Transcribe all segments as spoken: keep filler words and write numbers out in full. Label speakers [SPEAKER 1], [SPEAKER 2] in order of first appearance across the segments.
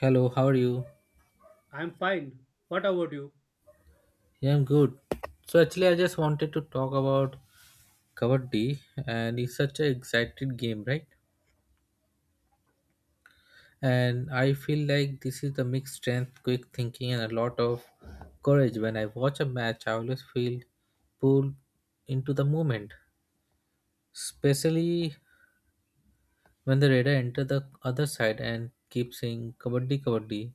[SPEAKER 1] Hello, how are you?
[SPEAKER 2] I'm fine. What about you?
[SPEAKER 1] Yeah, I'm good. So actually, I just wanted to talk about Kabaddi, and it's such an exciting game, right? And I feel like this is the mixed strength, quick thinking, and a lot of courage. When I watch a match, I always feel pulled into the moment, especially when the radar enter the other side and keep saying kabaddi kabaddi,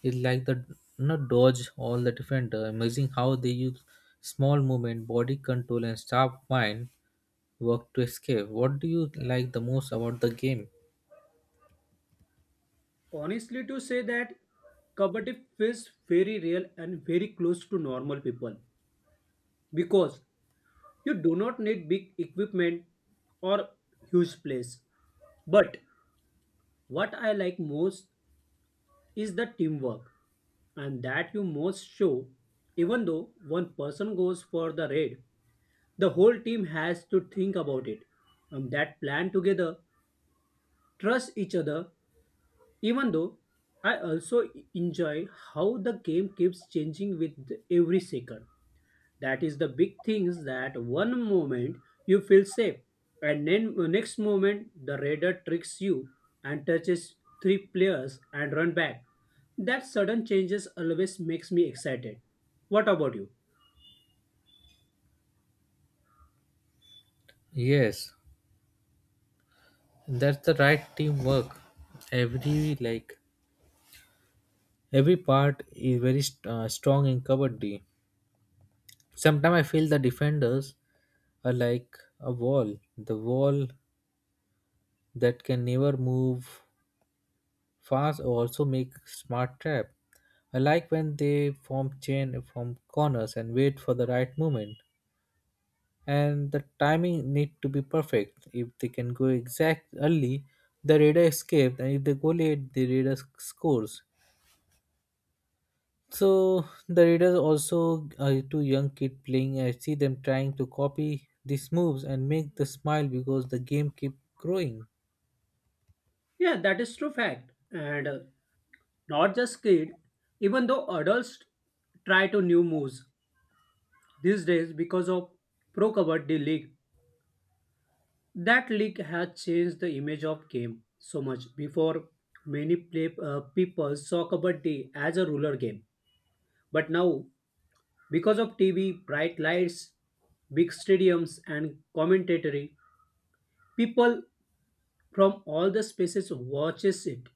[SPEAKER 1] it's like the not dodge all the defender. Amazing how they use small movement, body control, and sharp mind work to escape. What do you like the most about the game?
[SPEAKER 2] Honestly, to say that Kabaddi feels very real and very close to normal people because you do not need big equipment or huge place. But what I like most is the teamwork and that you most show. Even though one person goes for the raid, the whole team has to think about it and that plan together, trust each other, Even though I also enjoy how the game keeps changing with every second. That is the big things that one moment you feel safe and then uh, next moment the radar tricks you and touches three players and run back. That sudden changes always makes me excited. What about you?
[SPEAKER 1] Yes, that's the right teamwork. Every like every part is very st- uh, strong in kabaddi. Sometimes I feel the defenders are like a wall, the wall that can never move. Fans also make smart trap. I like when they form chain from corners and wait for the right moment. And the timing need to be perfect. If they can go exact early, the raider escapes, and if they go late, the raider sc- scores. So the raiders also are two young kid playing. I see them trying to copy these moves and make the smile because the game keep growing.
[SPEAKER 2] Yeah, that is true fact. And uh, not just kid, even though adults try to new moves these days because of pro kabaddi league. That leak has changed the image of game so much. Before, many play, uh, people saw Kabaddi as a ruler game. But now, because of T V, bright lights, big stadiums and commentary, people from all the spaces watches it.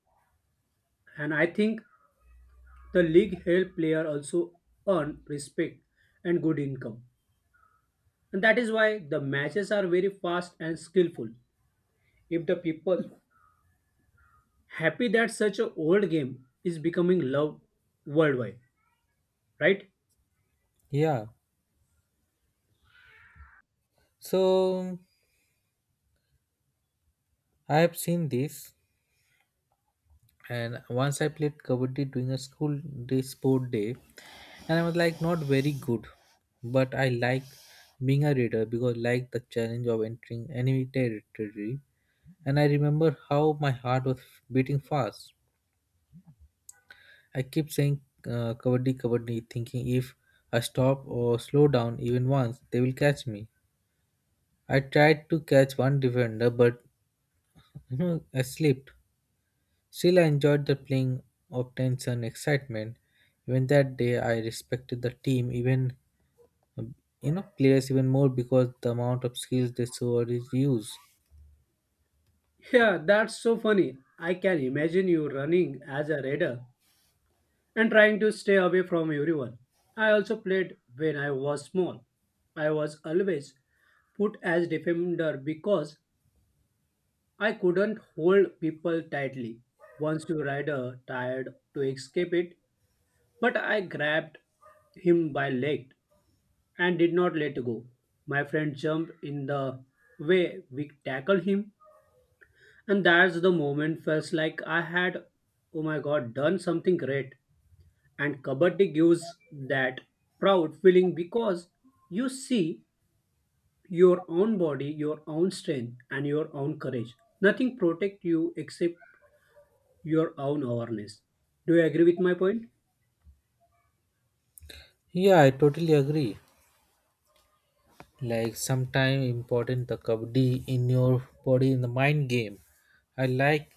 [SPEAKER 2] And I think the league help player also earn respect and good income. And that is why the matches are very fast and skillful. If the people happy that such an old game is becoming loved worldwide, right?
[SPEAKER 1] Yeah. So I have seen this, and once I played kabaddi during a school day sport day, and I was like not very good, but I like being a reader because I like the challenge of entering enemy territory. And I remember how my heart was beating fast. I kept saying uh, kabaddi kabaddi, thinking if I stop or slow down even once they will catch me. I tried to catch one defender, but you know I slipped. Still, I enjoyed the playing of tension, excitement. Even that day, I respected the team, even um, you know players even more because the amount of skills they showed is used.
[SPEAKER 2] Yeah, that's so funny. I can imagine you running as a raider and trying to stay away from everyone. I also played when I was small. I was always put as defender because I couldn't hold people tightly. Once your rider tried to escape it, but I grabbed him by leg and did not let go. My friend jumped in the way we tackled him, and that's the moment felt like I had, oh my god, done something great. And Kabaddi gives that proud feeling because you see your own body, your own strength, and your own courage. Nothing protect you except your own awareness. Do you agree with my point?
[SPEAKER 1] Yeah, I totally agree. Like sometime important the kabaddi in your body in the mind game. I like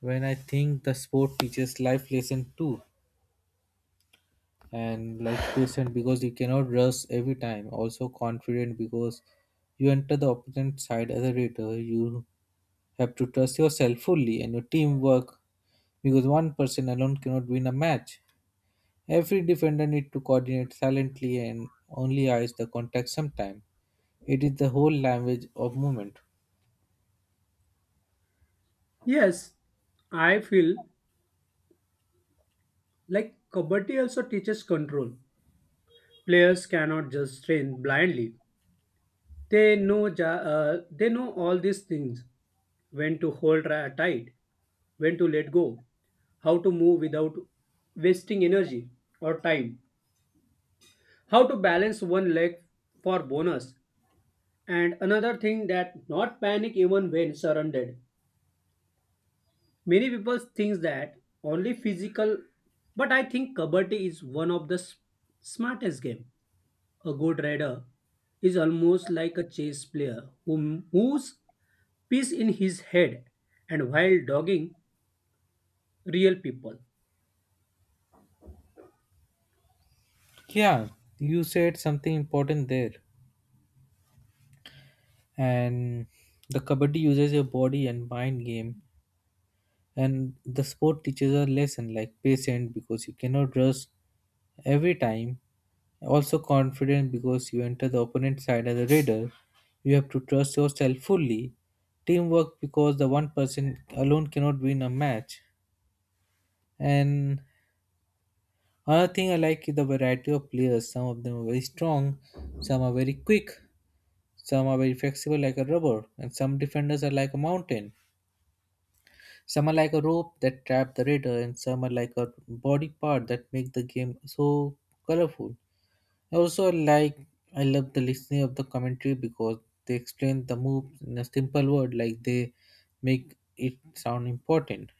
[SPEAKER 1] when I think the sport teaches life lesson too, and like patient because you cannot rush every time. Also confident because you enter the opponent side as a rater. You You have to trust yourself fully and your teamwork because one person alone cannot win a match. Every defender needs to coordinate silently and only eyes the contact sometime. It is the whole language of movement.
[SPEAKER 2] Yes, I feel like Kabaddi also teaches control. Players cannot just train blindly. They know ja- uh, they know all these things: when to hold ra- tight, when to let go, how to move without wasting energy or time, how to balance one leg for bonus, and another thing that not panic even when surrounded. Many people think that only physical, but I think kabaddi is one of the s- smartest game. A good rider is almost like a chess player who moves piece in his head and while dogging real people.
[SPEAKER 1] Yeah, you said something important there. And the kabaddi uses your body and mind game. And the sport teaches a lesson like patience because you cannot rush every time. Also confident because you enter the opponent's side as a raider. You have to trust yourself fully. Teamwork because the one person alone cannot win a match. And another thing I like is the variety of players. Some of them are very strong, some are very quick, some are very flexible like a rubber, and some defenders are like a mountain. Some are like a rope that trap the raider, and some are like a body part that make the game so colorful. I also like I love the listening of the commentary because they explain the moves in a simple word like they make it sound important.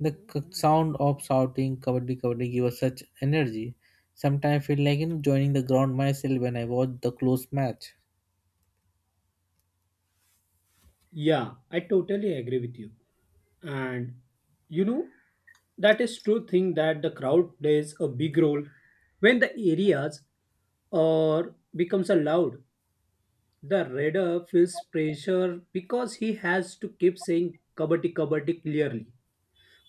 [SPEAKER 1] The c- sound of shouting kabaddi kabaddi give us such energy. Sometimes I feel like you know, joining the ground myself when I watch the close match.
[SPEAKER 2] Yeah, I totally agree with you. And you know, that is true thing that the crowd plays a big role when the areas or becomes a loud. The raider feels pressure because he has to keep saying kabaddi kabaddi clearly.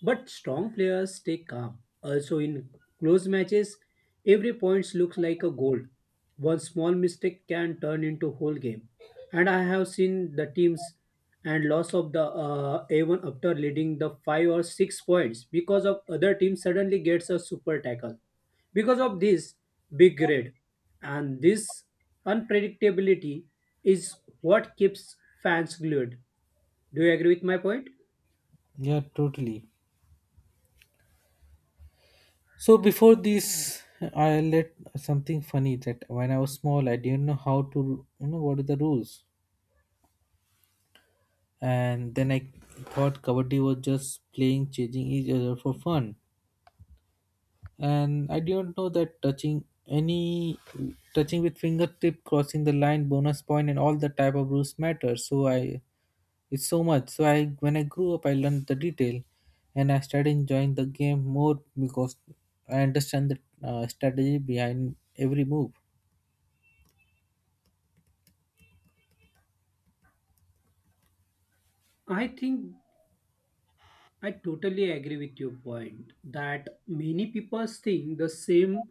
[SPEAKER 2] But strong players stay calm. Also, in close matches, every point looks like a goal. One small mistake can turn into whole game. And I have seen the teams and loss of the uh, A one after leading the five or six points because of other team suddenly gets a super tackle. Because of this big red, and this unpredictability is what keeps fans glued. Do you agree with my point?
[SPEAKER 1] Yeah, totally. So before this, I let something funny that when I was small, I didn't know how to you know what are the rules, and then I thought kabaddi was just playing, chasing each other for fun. And I didn't know that touching any touching with fingertip crossing the line bonus point and all the type of rules matter, so I it's so much, so I when I grew up I learned the detail and I started enjoying the game more because I understand the uh, strategy behind every move.
[SPEAKER 2] I think I totally agree with your point that many people think the same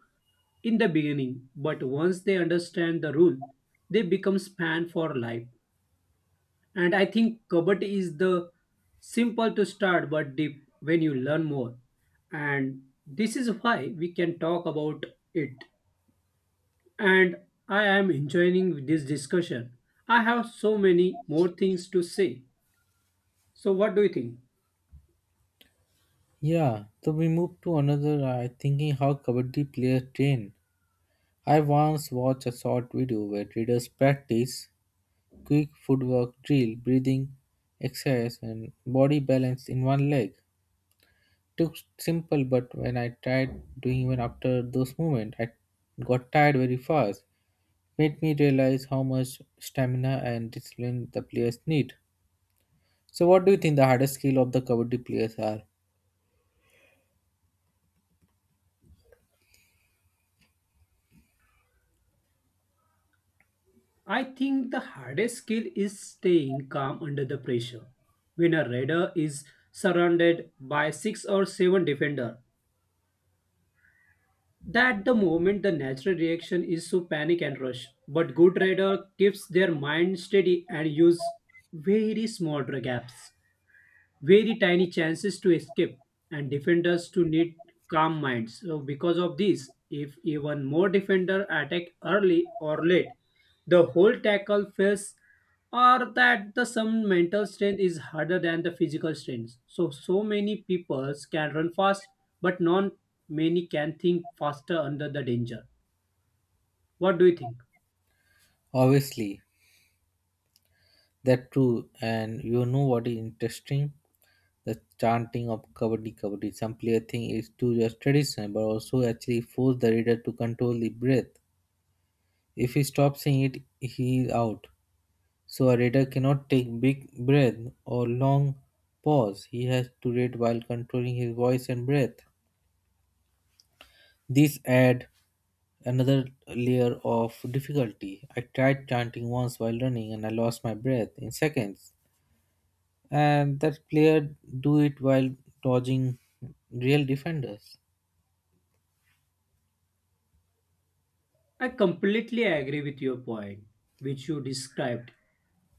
[SPEAKER 2] in the beginning, but once they understand the rule, they become span for life. And I think Kabaddi is the simple to start but deep when you learn more. And this is why we can talk about it. And I am enjoying this discussion. I have so many more things to say. So what do you think?
[SPEAKER 1] Yeah, so we move to another uh, thinking how kabaddi players train. I once watched a short video where traders practice quick footwork drill, breathing exercise, and body balance in one leg. Took simple, but when I tried doing even after those movements, I got tired very fast. Made me realize how much stamina and discipline the players need. So, what do you think the hardest skill of the kabaddi players are?
[SPEAKER 2] I think the hardest skill is staying calm under the pressure. When a raider is surrounded by six or seven defender, that the moment the natural reaction is to panic and rush. But good raider keeps their mind steady and use very small gaps, very tiny chances to escape, and defenders to need calm minds. So because of this, if even more defender attack early or late, the whole tackle fails or that the some mental strength is harder than the physical strength. So so many people can run fast, but not many can think faster under the danger. What do you think?
[SPEAKER 1] Obviously, that true, and you know what is interesting, the chanting of kabaddi kabaddi some player think it's too just traditional but also actually force the reader to control the breath. If he stops saying it, he is out. So a reader cannot take big breath or long pause. He has to read while controlling his voice and breath. This add another layer of difficulty. I tried chanting once while running and I lost my breath in seconds. And that player do it while dodging real defenders.
[SPEAKER 2] I completely agree with your point, which you described,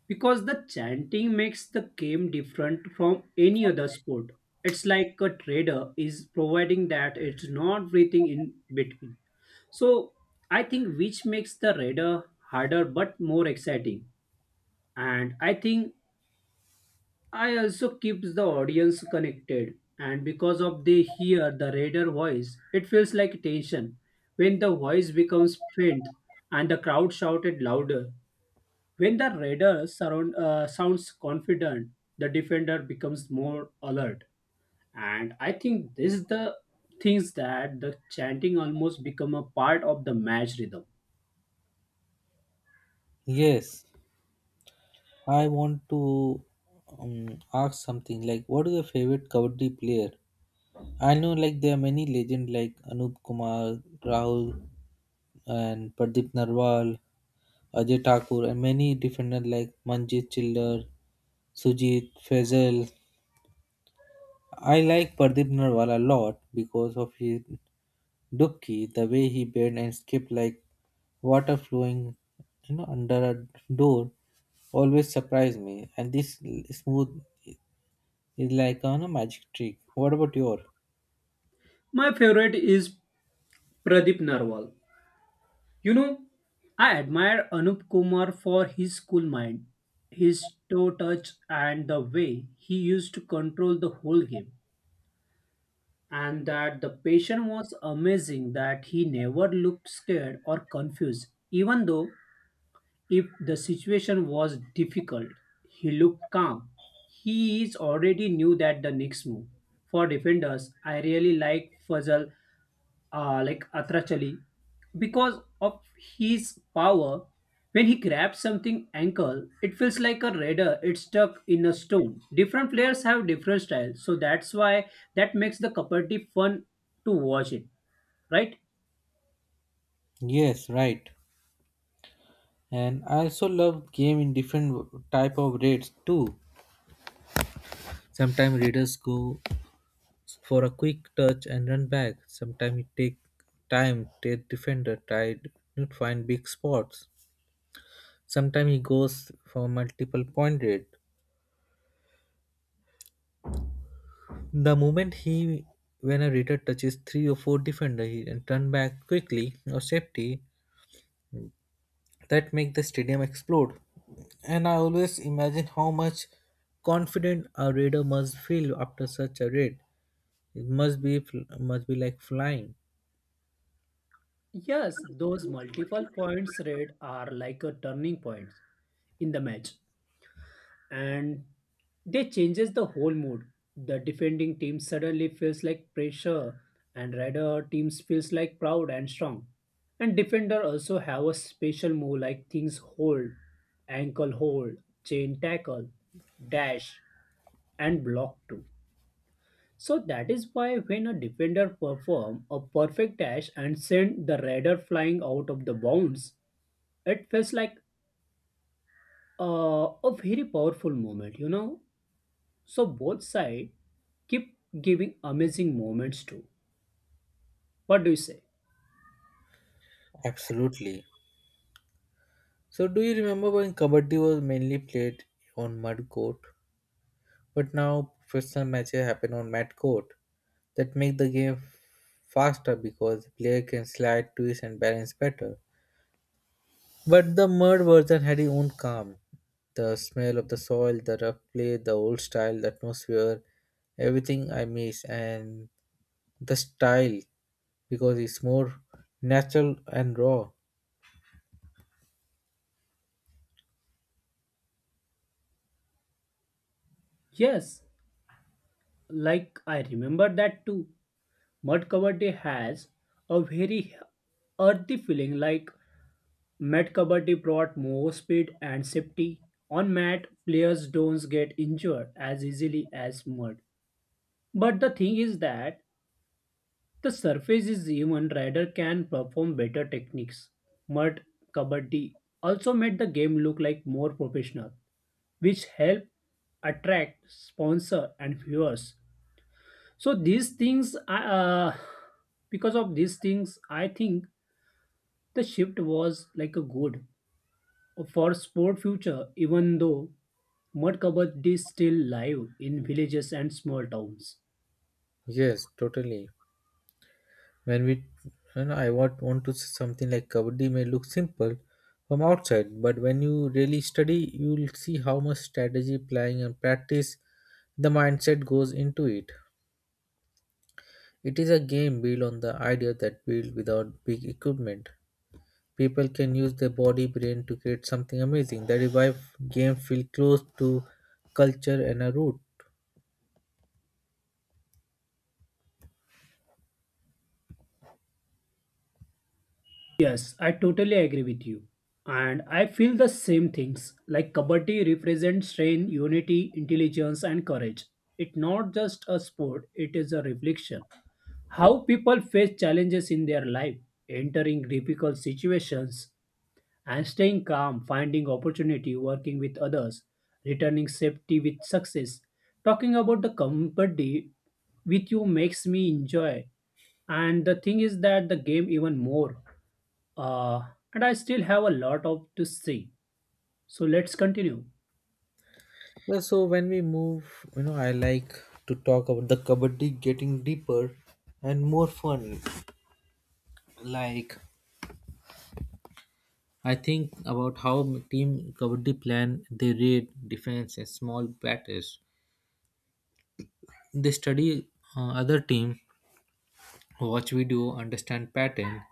[SPEAKER 2] because the chanting makes the game different from any other sport. It's like a trader is providing that it's not breathing in between. So I think which makes the radar harder but more exciting. And I think I also keeps the audience connected, and because of they hear the reader voice, it feels like tension. When the voice becomes faint and the crowd shouted louder, when the reader surround, uh, sounds confident, the defender becomes more alert. And I think this is the things that the chanting almost become a part of the match rhythm.
[SPEAKER 1] Yes, I want to um, ask something like what is your favorite kabaddi player. I know like there are many legends like Anup Kumar, Rahul and Pradeep Narwal, Ajay Thakur and many different uh, like Manjit Chillar, Sujit, Faisal. I like Pradeep Narwal a lot because of his dubki, the way he bent and skipped like water flowing, you know under a door, always surprised me, and this smooth is like on a, you know, magic trick. What about your?
[SPEAKER 2] My favorite is Pradeep Narwal. You know, I admire Anup Kumar for his cool mind, his toe touch, and the way he used to control the whole game. And that the patient was amazing that he never looked scared or confused. Even though if the situation was difficult, he looked calm. He is already knew that the next move. For defenders, I really like Fazal uh, like Atrachali, because of his power. When he grabs something ankle, it feels like a raider. It's stuck in a stone. Different players have different styles, so that's why that makes the Kabaddi fun to watch it, right?
[SPEAKER 1] Yes, right. And I also love game in different type of raids too. Sometimes raiders go for a quick touch and run back, sometimes it take time the defender tried to find big spots, sometimes he goes for multiple point raid. The moment he when a raider touches three or four defender he and turn back quickly or safety, that make the stadium explode. And I always imagine how much confident a raider must feel after such a raid. It must be fl- must be like flying.
[SPEAKER 2] Yes, those multiple points raid are like a turning point in the match, and they changes the whole mood. The defending team suddenly feels like pressure and rider teams feels like proud and strong. And defender also have a special move like things hold, ankle hold, chain tackle, dash and block too. So that is why when a defender perform a perfect dash and send the rider flying out of the bounds, it feels like uh, a very powerful moment, you know. So both side keep giving amazing moments too. What do you say?
[SPEAKER 1] Absolutely. So do you remember when kabaddi was mainly played on mud court, but now professional matches happen on mat court that make the game faster because the player can slide, twist, and balance better. But the mud version had its own charm. The smell of the soil, the rough play, the old style, the atmosphere, everything I miss, and the style because it's more natural and raw.
[SPEAKER 2] Yes, like I remember that too. Mud Kabaddi has a very earthy feeling like Mad Kabaddi brought more speed and safety. On mat, players don't get injured as easily as mud. But the thing is that the surface is even rider can perform better techniques. Mud Kabaddi also made the game look like more professional which help attract sponsor and viewers, so these things I, uh, because of these things I think the shift was like a good for sport future even though mud kabaddi is still live in villages and small towns.
[SPEAKER 1] Yes, totally. When we, you know, I want, want to say something like Kabaddi may look simple from outside, but when you really study, you'll see how much strategy, planning, and practice the mindset goes into it. It is a game built on the idea that built without big equipment. People can use their body brain to create something amazing. That is why game feel close to culture and a root.
[SPEAKER 2] Yes, I totally agree with you, and I feel the same things like kabaddi represents strength, unity, intelligence and courage. It's not just a sport, it is a reflection how people face challenges in their life, entering difficult situations and staying calm, finding opportunity, working with others, returning safety with success. Talking about the company with you makes me enjoy. And the thing is that the game even more. Uh, and I still have a lot of to say. So let's continue.
[SPEAKER 1] Well, so when we move, you know, I like to talk about the kabaddi getting deeper and more fun. Like I think about how team kabaddi plan they raid, defense, and small batters. They study uh, other team, watch video, understand pattern,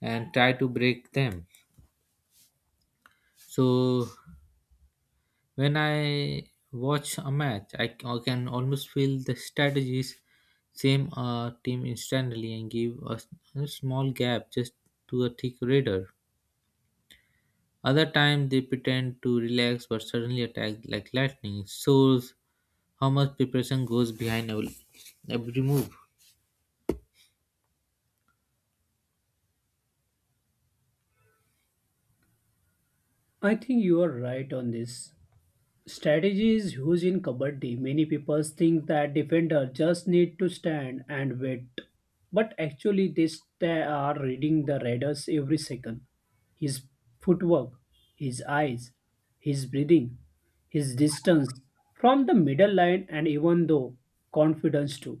[SPEAKER 1] and try to break them. So when I watch a match, I, c- I can almost feel the strategies same uh, team instantly and give a, s- a small gap just to a thick radar. Other time they pretend to relax but suddenly attack like lightning. It shows how much preparation goes behind every, every move.
[SPEAKER 2] I think you are right on this. Strategy is huge in kabaddi. Many people think that defender just need to stand and wait, but actually they sta- are reading the raiders every second. His footwork, his eyes, his breathing, his distance from the middle line, and even though confidence too.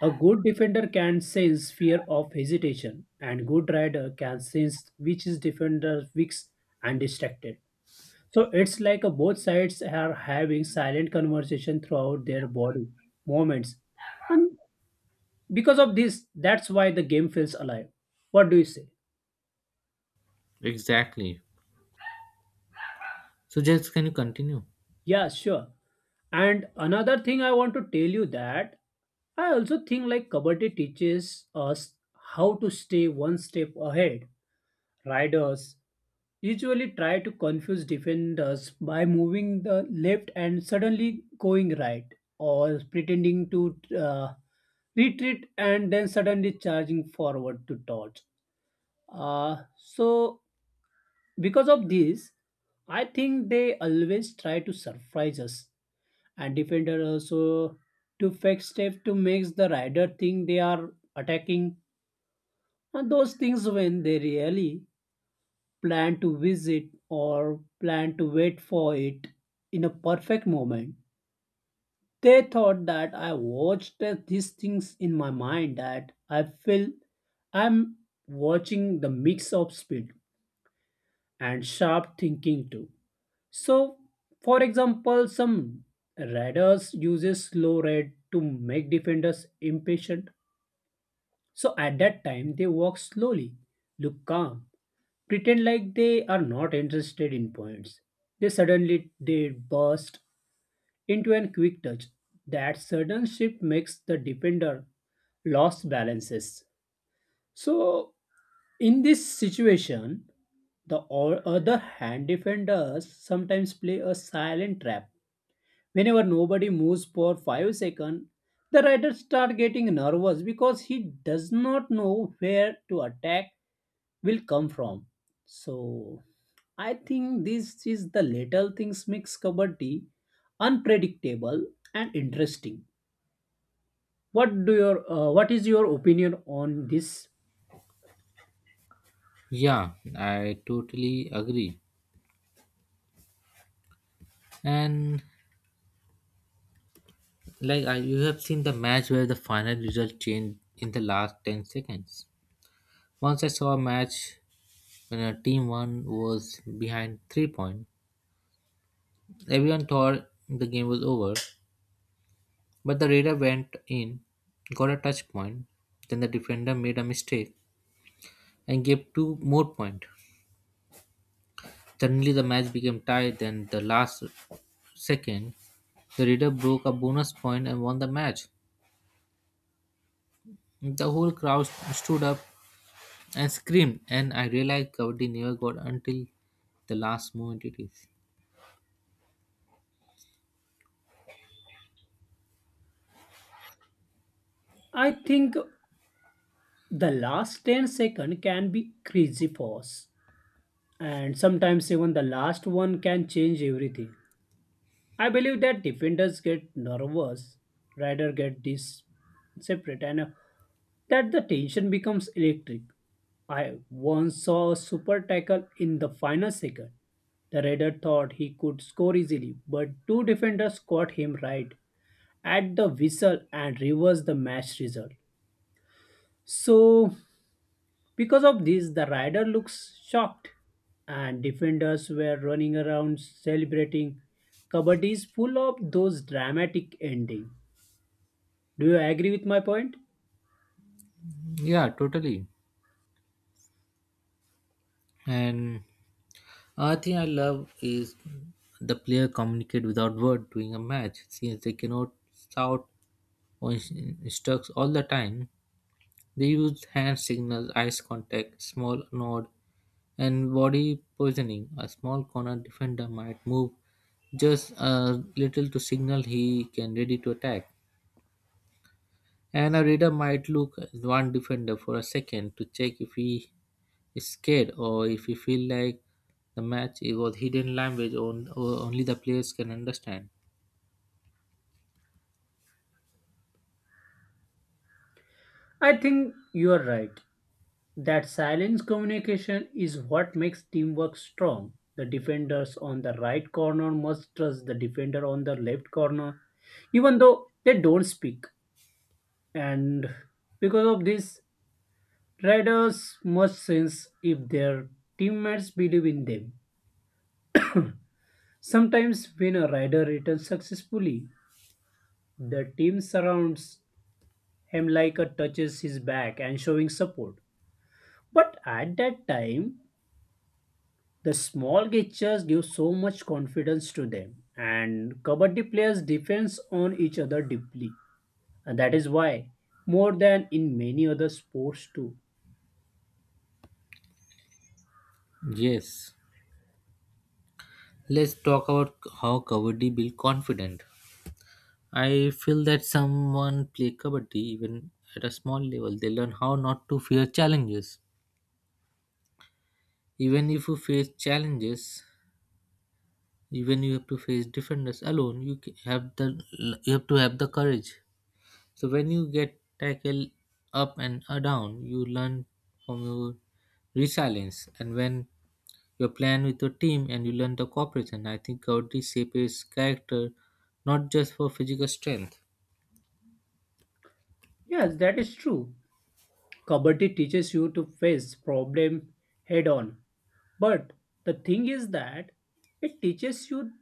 [SPEAKER 2] A good defender can sense fear of hesitation, and good rider can sense which is defender weak and distracted. So it's like uh, both sides are having silent conversation throughout their body moments. And because of this, that's why the game feels alive. What do you say?
[SPEAKER 1] Exactly. So just can you continue?
[SPEAKER 2] Yeah, sure. And another thing I want to tell you that I also think like Kabaddi teaches us how to stay one step ahead. Riders usually try to confuse defenders by moving the left and suddenly going right or pretending to uh, retreat and then suddenly charging forward to dodge, uh, so because of this I think they always try to surprise us, and defender also to fake step to make the rider think they are attacking and those things when they really plan to visit or plan to wait for it in a perfect moment. They thought that I watched that these things in my mind that I feel I'm watching the mix of speed and sharp thinking too. So, for example, some radars uses slow red to make defenders impatient. So at that time they walk slowly, look calm, pretend like they are not interested in points. They suddenly they burst into a quick touch. That sudden shift makes the defender lost balances. So in this situation, the o- other hand defenders sometimes play a silent trap. Whenever nobody moves for five seconds, the rider start getting nervous because he does not know where to attack will come from. So I think this is the little things makes kabaddi unpredictable and interesting. What do your uh, what is your opinion on this?
[SPEAKER 1] Yeah, I totally agree. And like I, you have seen the match where the final result changed in the last ten seconds. Once I saw a match when a team one was behind three points. Everyone thought the game was over, but the radar went in, got a touch point. Then the defender made a mistake and gave two more points. Suddenly the match became tied. Then the last second, the radar broke a bonus point and won the match. The whole crowd stood up and screamed, and I realized Kavadi never got until the last moment it is.
[SPEAKER 2] I think the last ten second can be crazy fast, and sometimes even the last one can change everything. I believe that defenders get nervous, rider get this separate, and uh, that the tension becomes electric. I once saw a super tackle in the final second. The raider thought he could score easily, but two defenders caught him right at the whistle and reversed the match result. So because of this, the rider looks shocked, and defenders were running around celebrating. Kabaddi is full of those dramatic ending. Do you agree with my point?
[SPEAKER 1] Yeah, totally. And I think I love is the player communicate without word during a match since they cannot shout or in- instruct all the time. They use hand signals, eyes contact, small nod, and body positioning. A small corner defender might move just a little to signal he can ready to attack. And a reader might look at one defender for a second to check if he scared or if you feel like the match it was hidden language on, or only the players can understand.
[SPEAKER 2] I think you are right. That silence communication is what makes teamwork strong. The defenders on the right corner must trust the defender on the left corner, even though they don't speak. And because of this, Riders must sense if their teammates believe in them. Sometimes, when a rider returns successfully, the team surrounds him like a touches his back and showing support. But at that time, the small gestures give so much confidence to them, and kabaddi players depends on each other deeply, and that is why more than in many other sports too.
[SPEAKER 1] Yes. Let's talk about how kabaddi build confident. I feel that someone play kabaddi even at a small level. They learn how not to fear challenges. Even if you face challenges, even you have to face defenders alone, you ca- have the you have to have the courage. So when you get tackle up and uh, down, you learn from your resilience. And when you plan with your team and you learn the cooperation, I think Gaudi shapes character not just for physical strength,
[SPEAKER 2] Yes, that is true. Kabaddi teaches you to face problem head on. But the thing is that it teaches you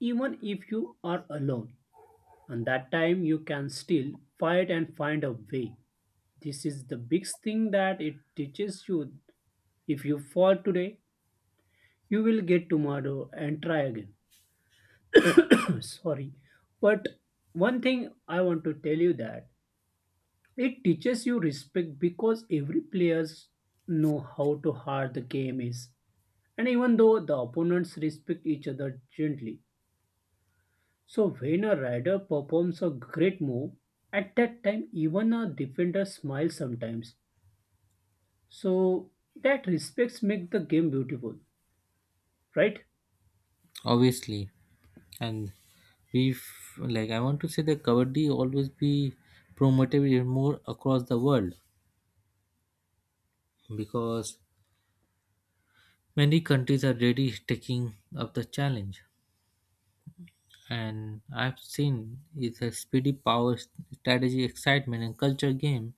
[SPEAKER 2] even if you are alone. And that time you can still fight and find a way. This is the biggest thing that it teaches you. If you fall today, you will get tomorrow and try again. Sorry. But one thing I want to tell you that it teaches you respect because every players know how to hard the game is. And even though the opponents respect each other gently, so when a rider performs a great move, at that time even a defender smiles sometimes. So that respects make the game beautiful, right?
[SPEAKER 1] obviously. And we f- like I want to say that Kabaddi always be promoted even more across the world because many countries are already taking up the challenge. And I've seen it's a speedy power s- strategy, excitement, and culture game.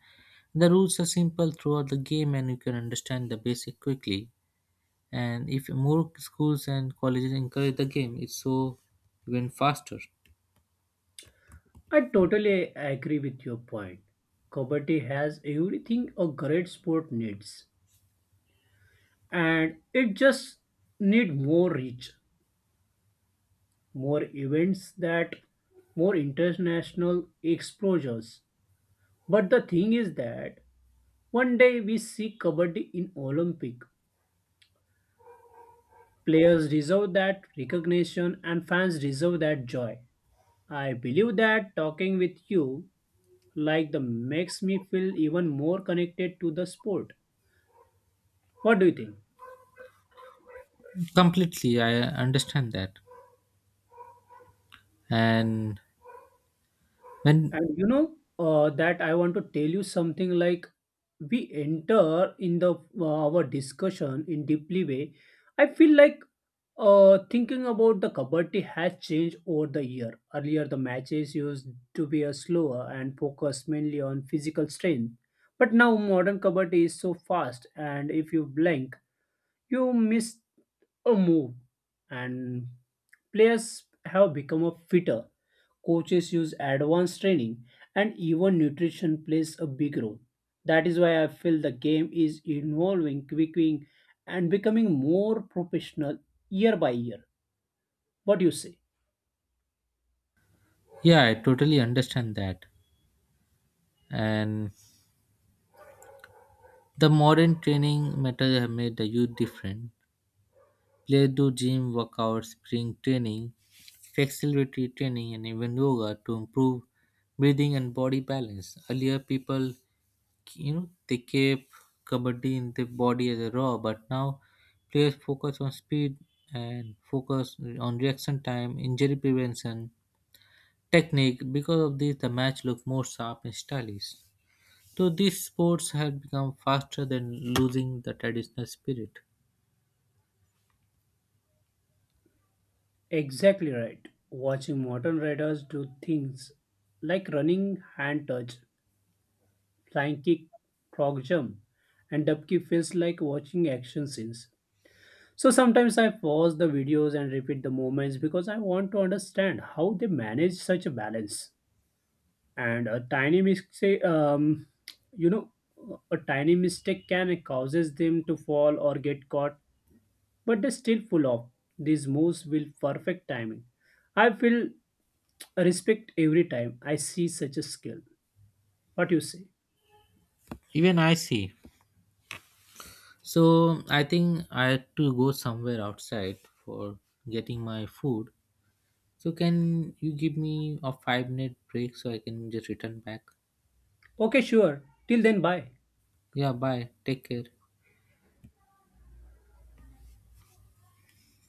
[SPEAKER 1] The rules are simple throughout the game, and you can understand the basic quickly. And if more schools and colleges encourage the game, it's so even faster.
[SPEAKER 2] I totally agree with your point. Kabaddi has everything a great sport needs, and it just need more reach, more events that more international exposures. But the thing is that one day we see Kabaddi in Olympic. Players deserve that recognition and fans deserve that joy. I believe that talking with you like the makes me feel even more connected to the sport. What do you think?
[SPEAKER 1] Completely, I understand that, and when
[SPEAKER 2] And you know uh, that I want to tell you something like we enter in the uh, our discussion in deeply way. I feel like Uh, thinking about the kabaddi has changed over the year. Earlier, the matches used to be a slower and focused mainly on physical strength. But now, modern kabaddi is so fast, and if you blink, you miss a move. And players have become a fitter. Coaches use advanced training, and even nutrition plays a big role. That is why I feel the game is evolving, quickening, and becoming more professional year by year. What do you say?
[SPEAKER 1] yeah, I totally understand that. And the modern training methods have made the youth different. They do gym workouts, spring training, flexibility training, and even yoga to improve breathing and body balance. Earlier, people, you know, they kept kabaddi in their body as a raw, but now players focus on speed and focus on reaction time, injury prevention, technique. Because of this, the match look more sharp and stylish. So these sports have become faster than losing the traditional spirit.
[SPEAKER 2] Exactly right. Watching modern riders do things like running hand touch, flying kick, frog jump, and dubkick feels like watching action scenes. So sometimes I pause the videos and repeat the moments because I want to understand how they manage such a balance. And a tiny mistake, um, you know, a tiny mistake can causes them to fall or get caught, but they still pull off these moves with perfect timing. I feel Respect every time I see such a skill. What you say?
[SPEAKER 1] Even I see, so I think I had to go somewhere outside for getting my food. So can you give me a five minute break so I can just return back?
[SPEAKER 2] Okay, sure. Till then, bye.
[SPEAKER 1] Yeah, bye. Take care.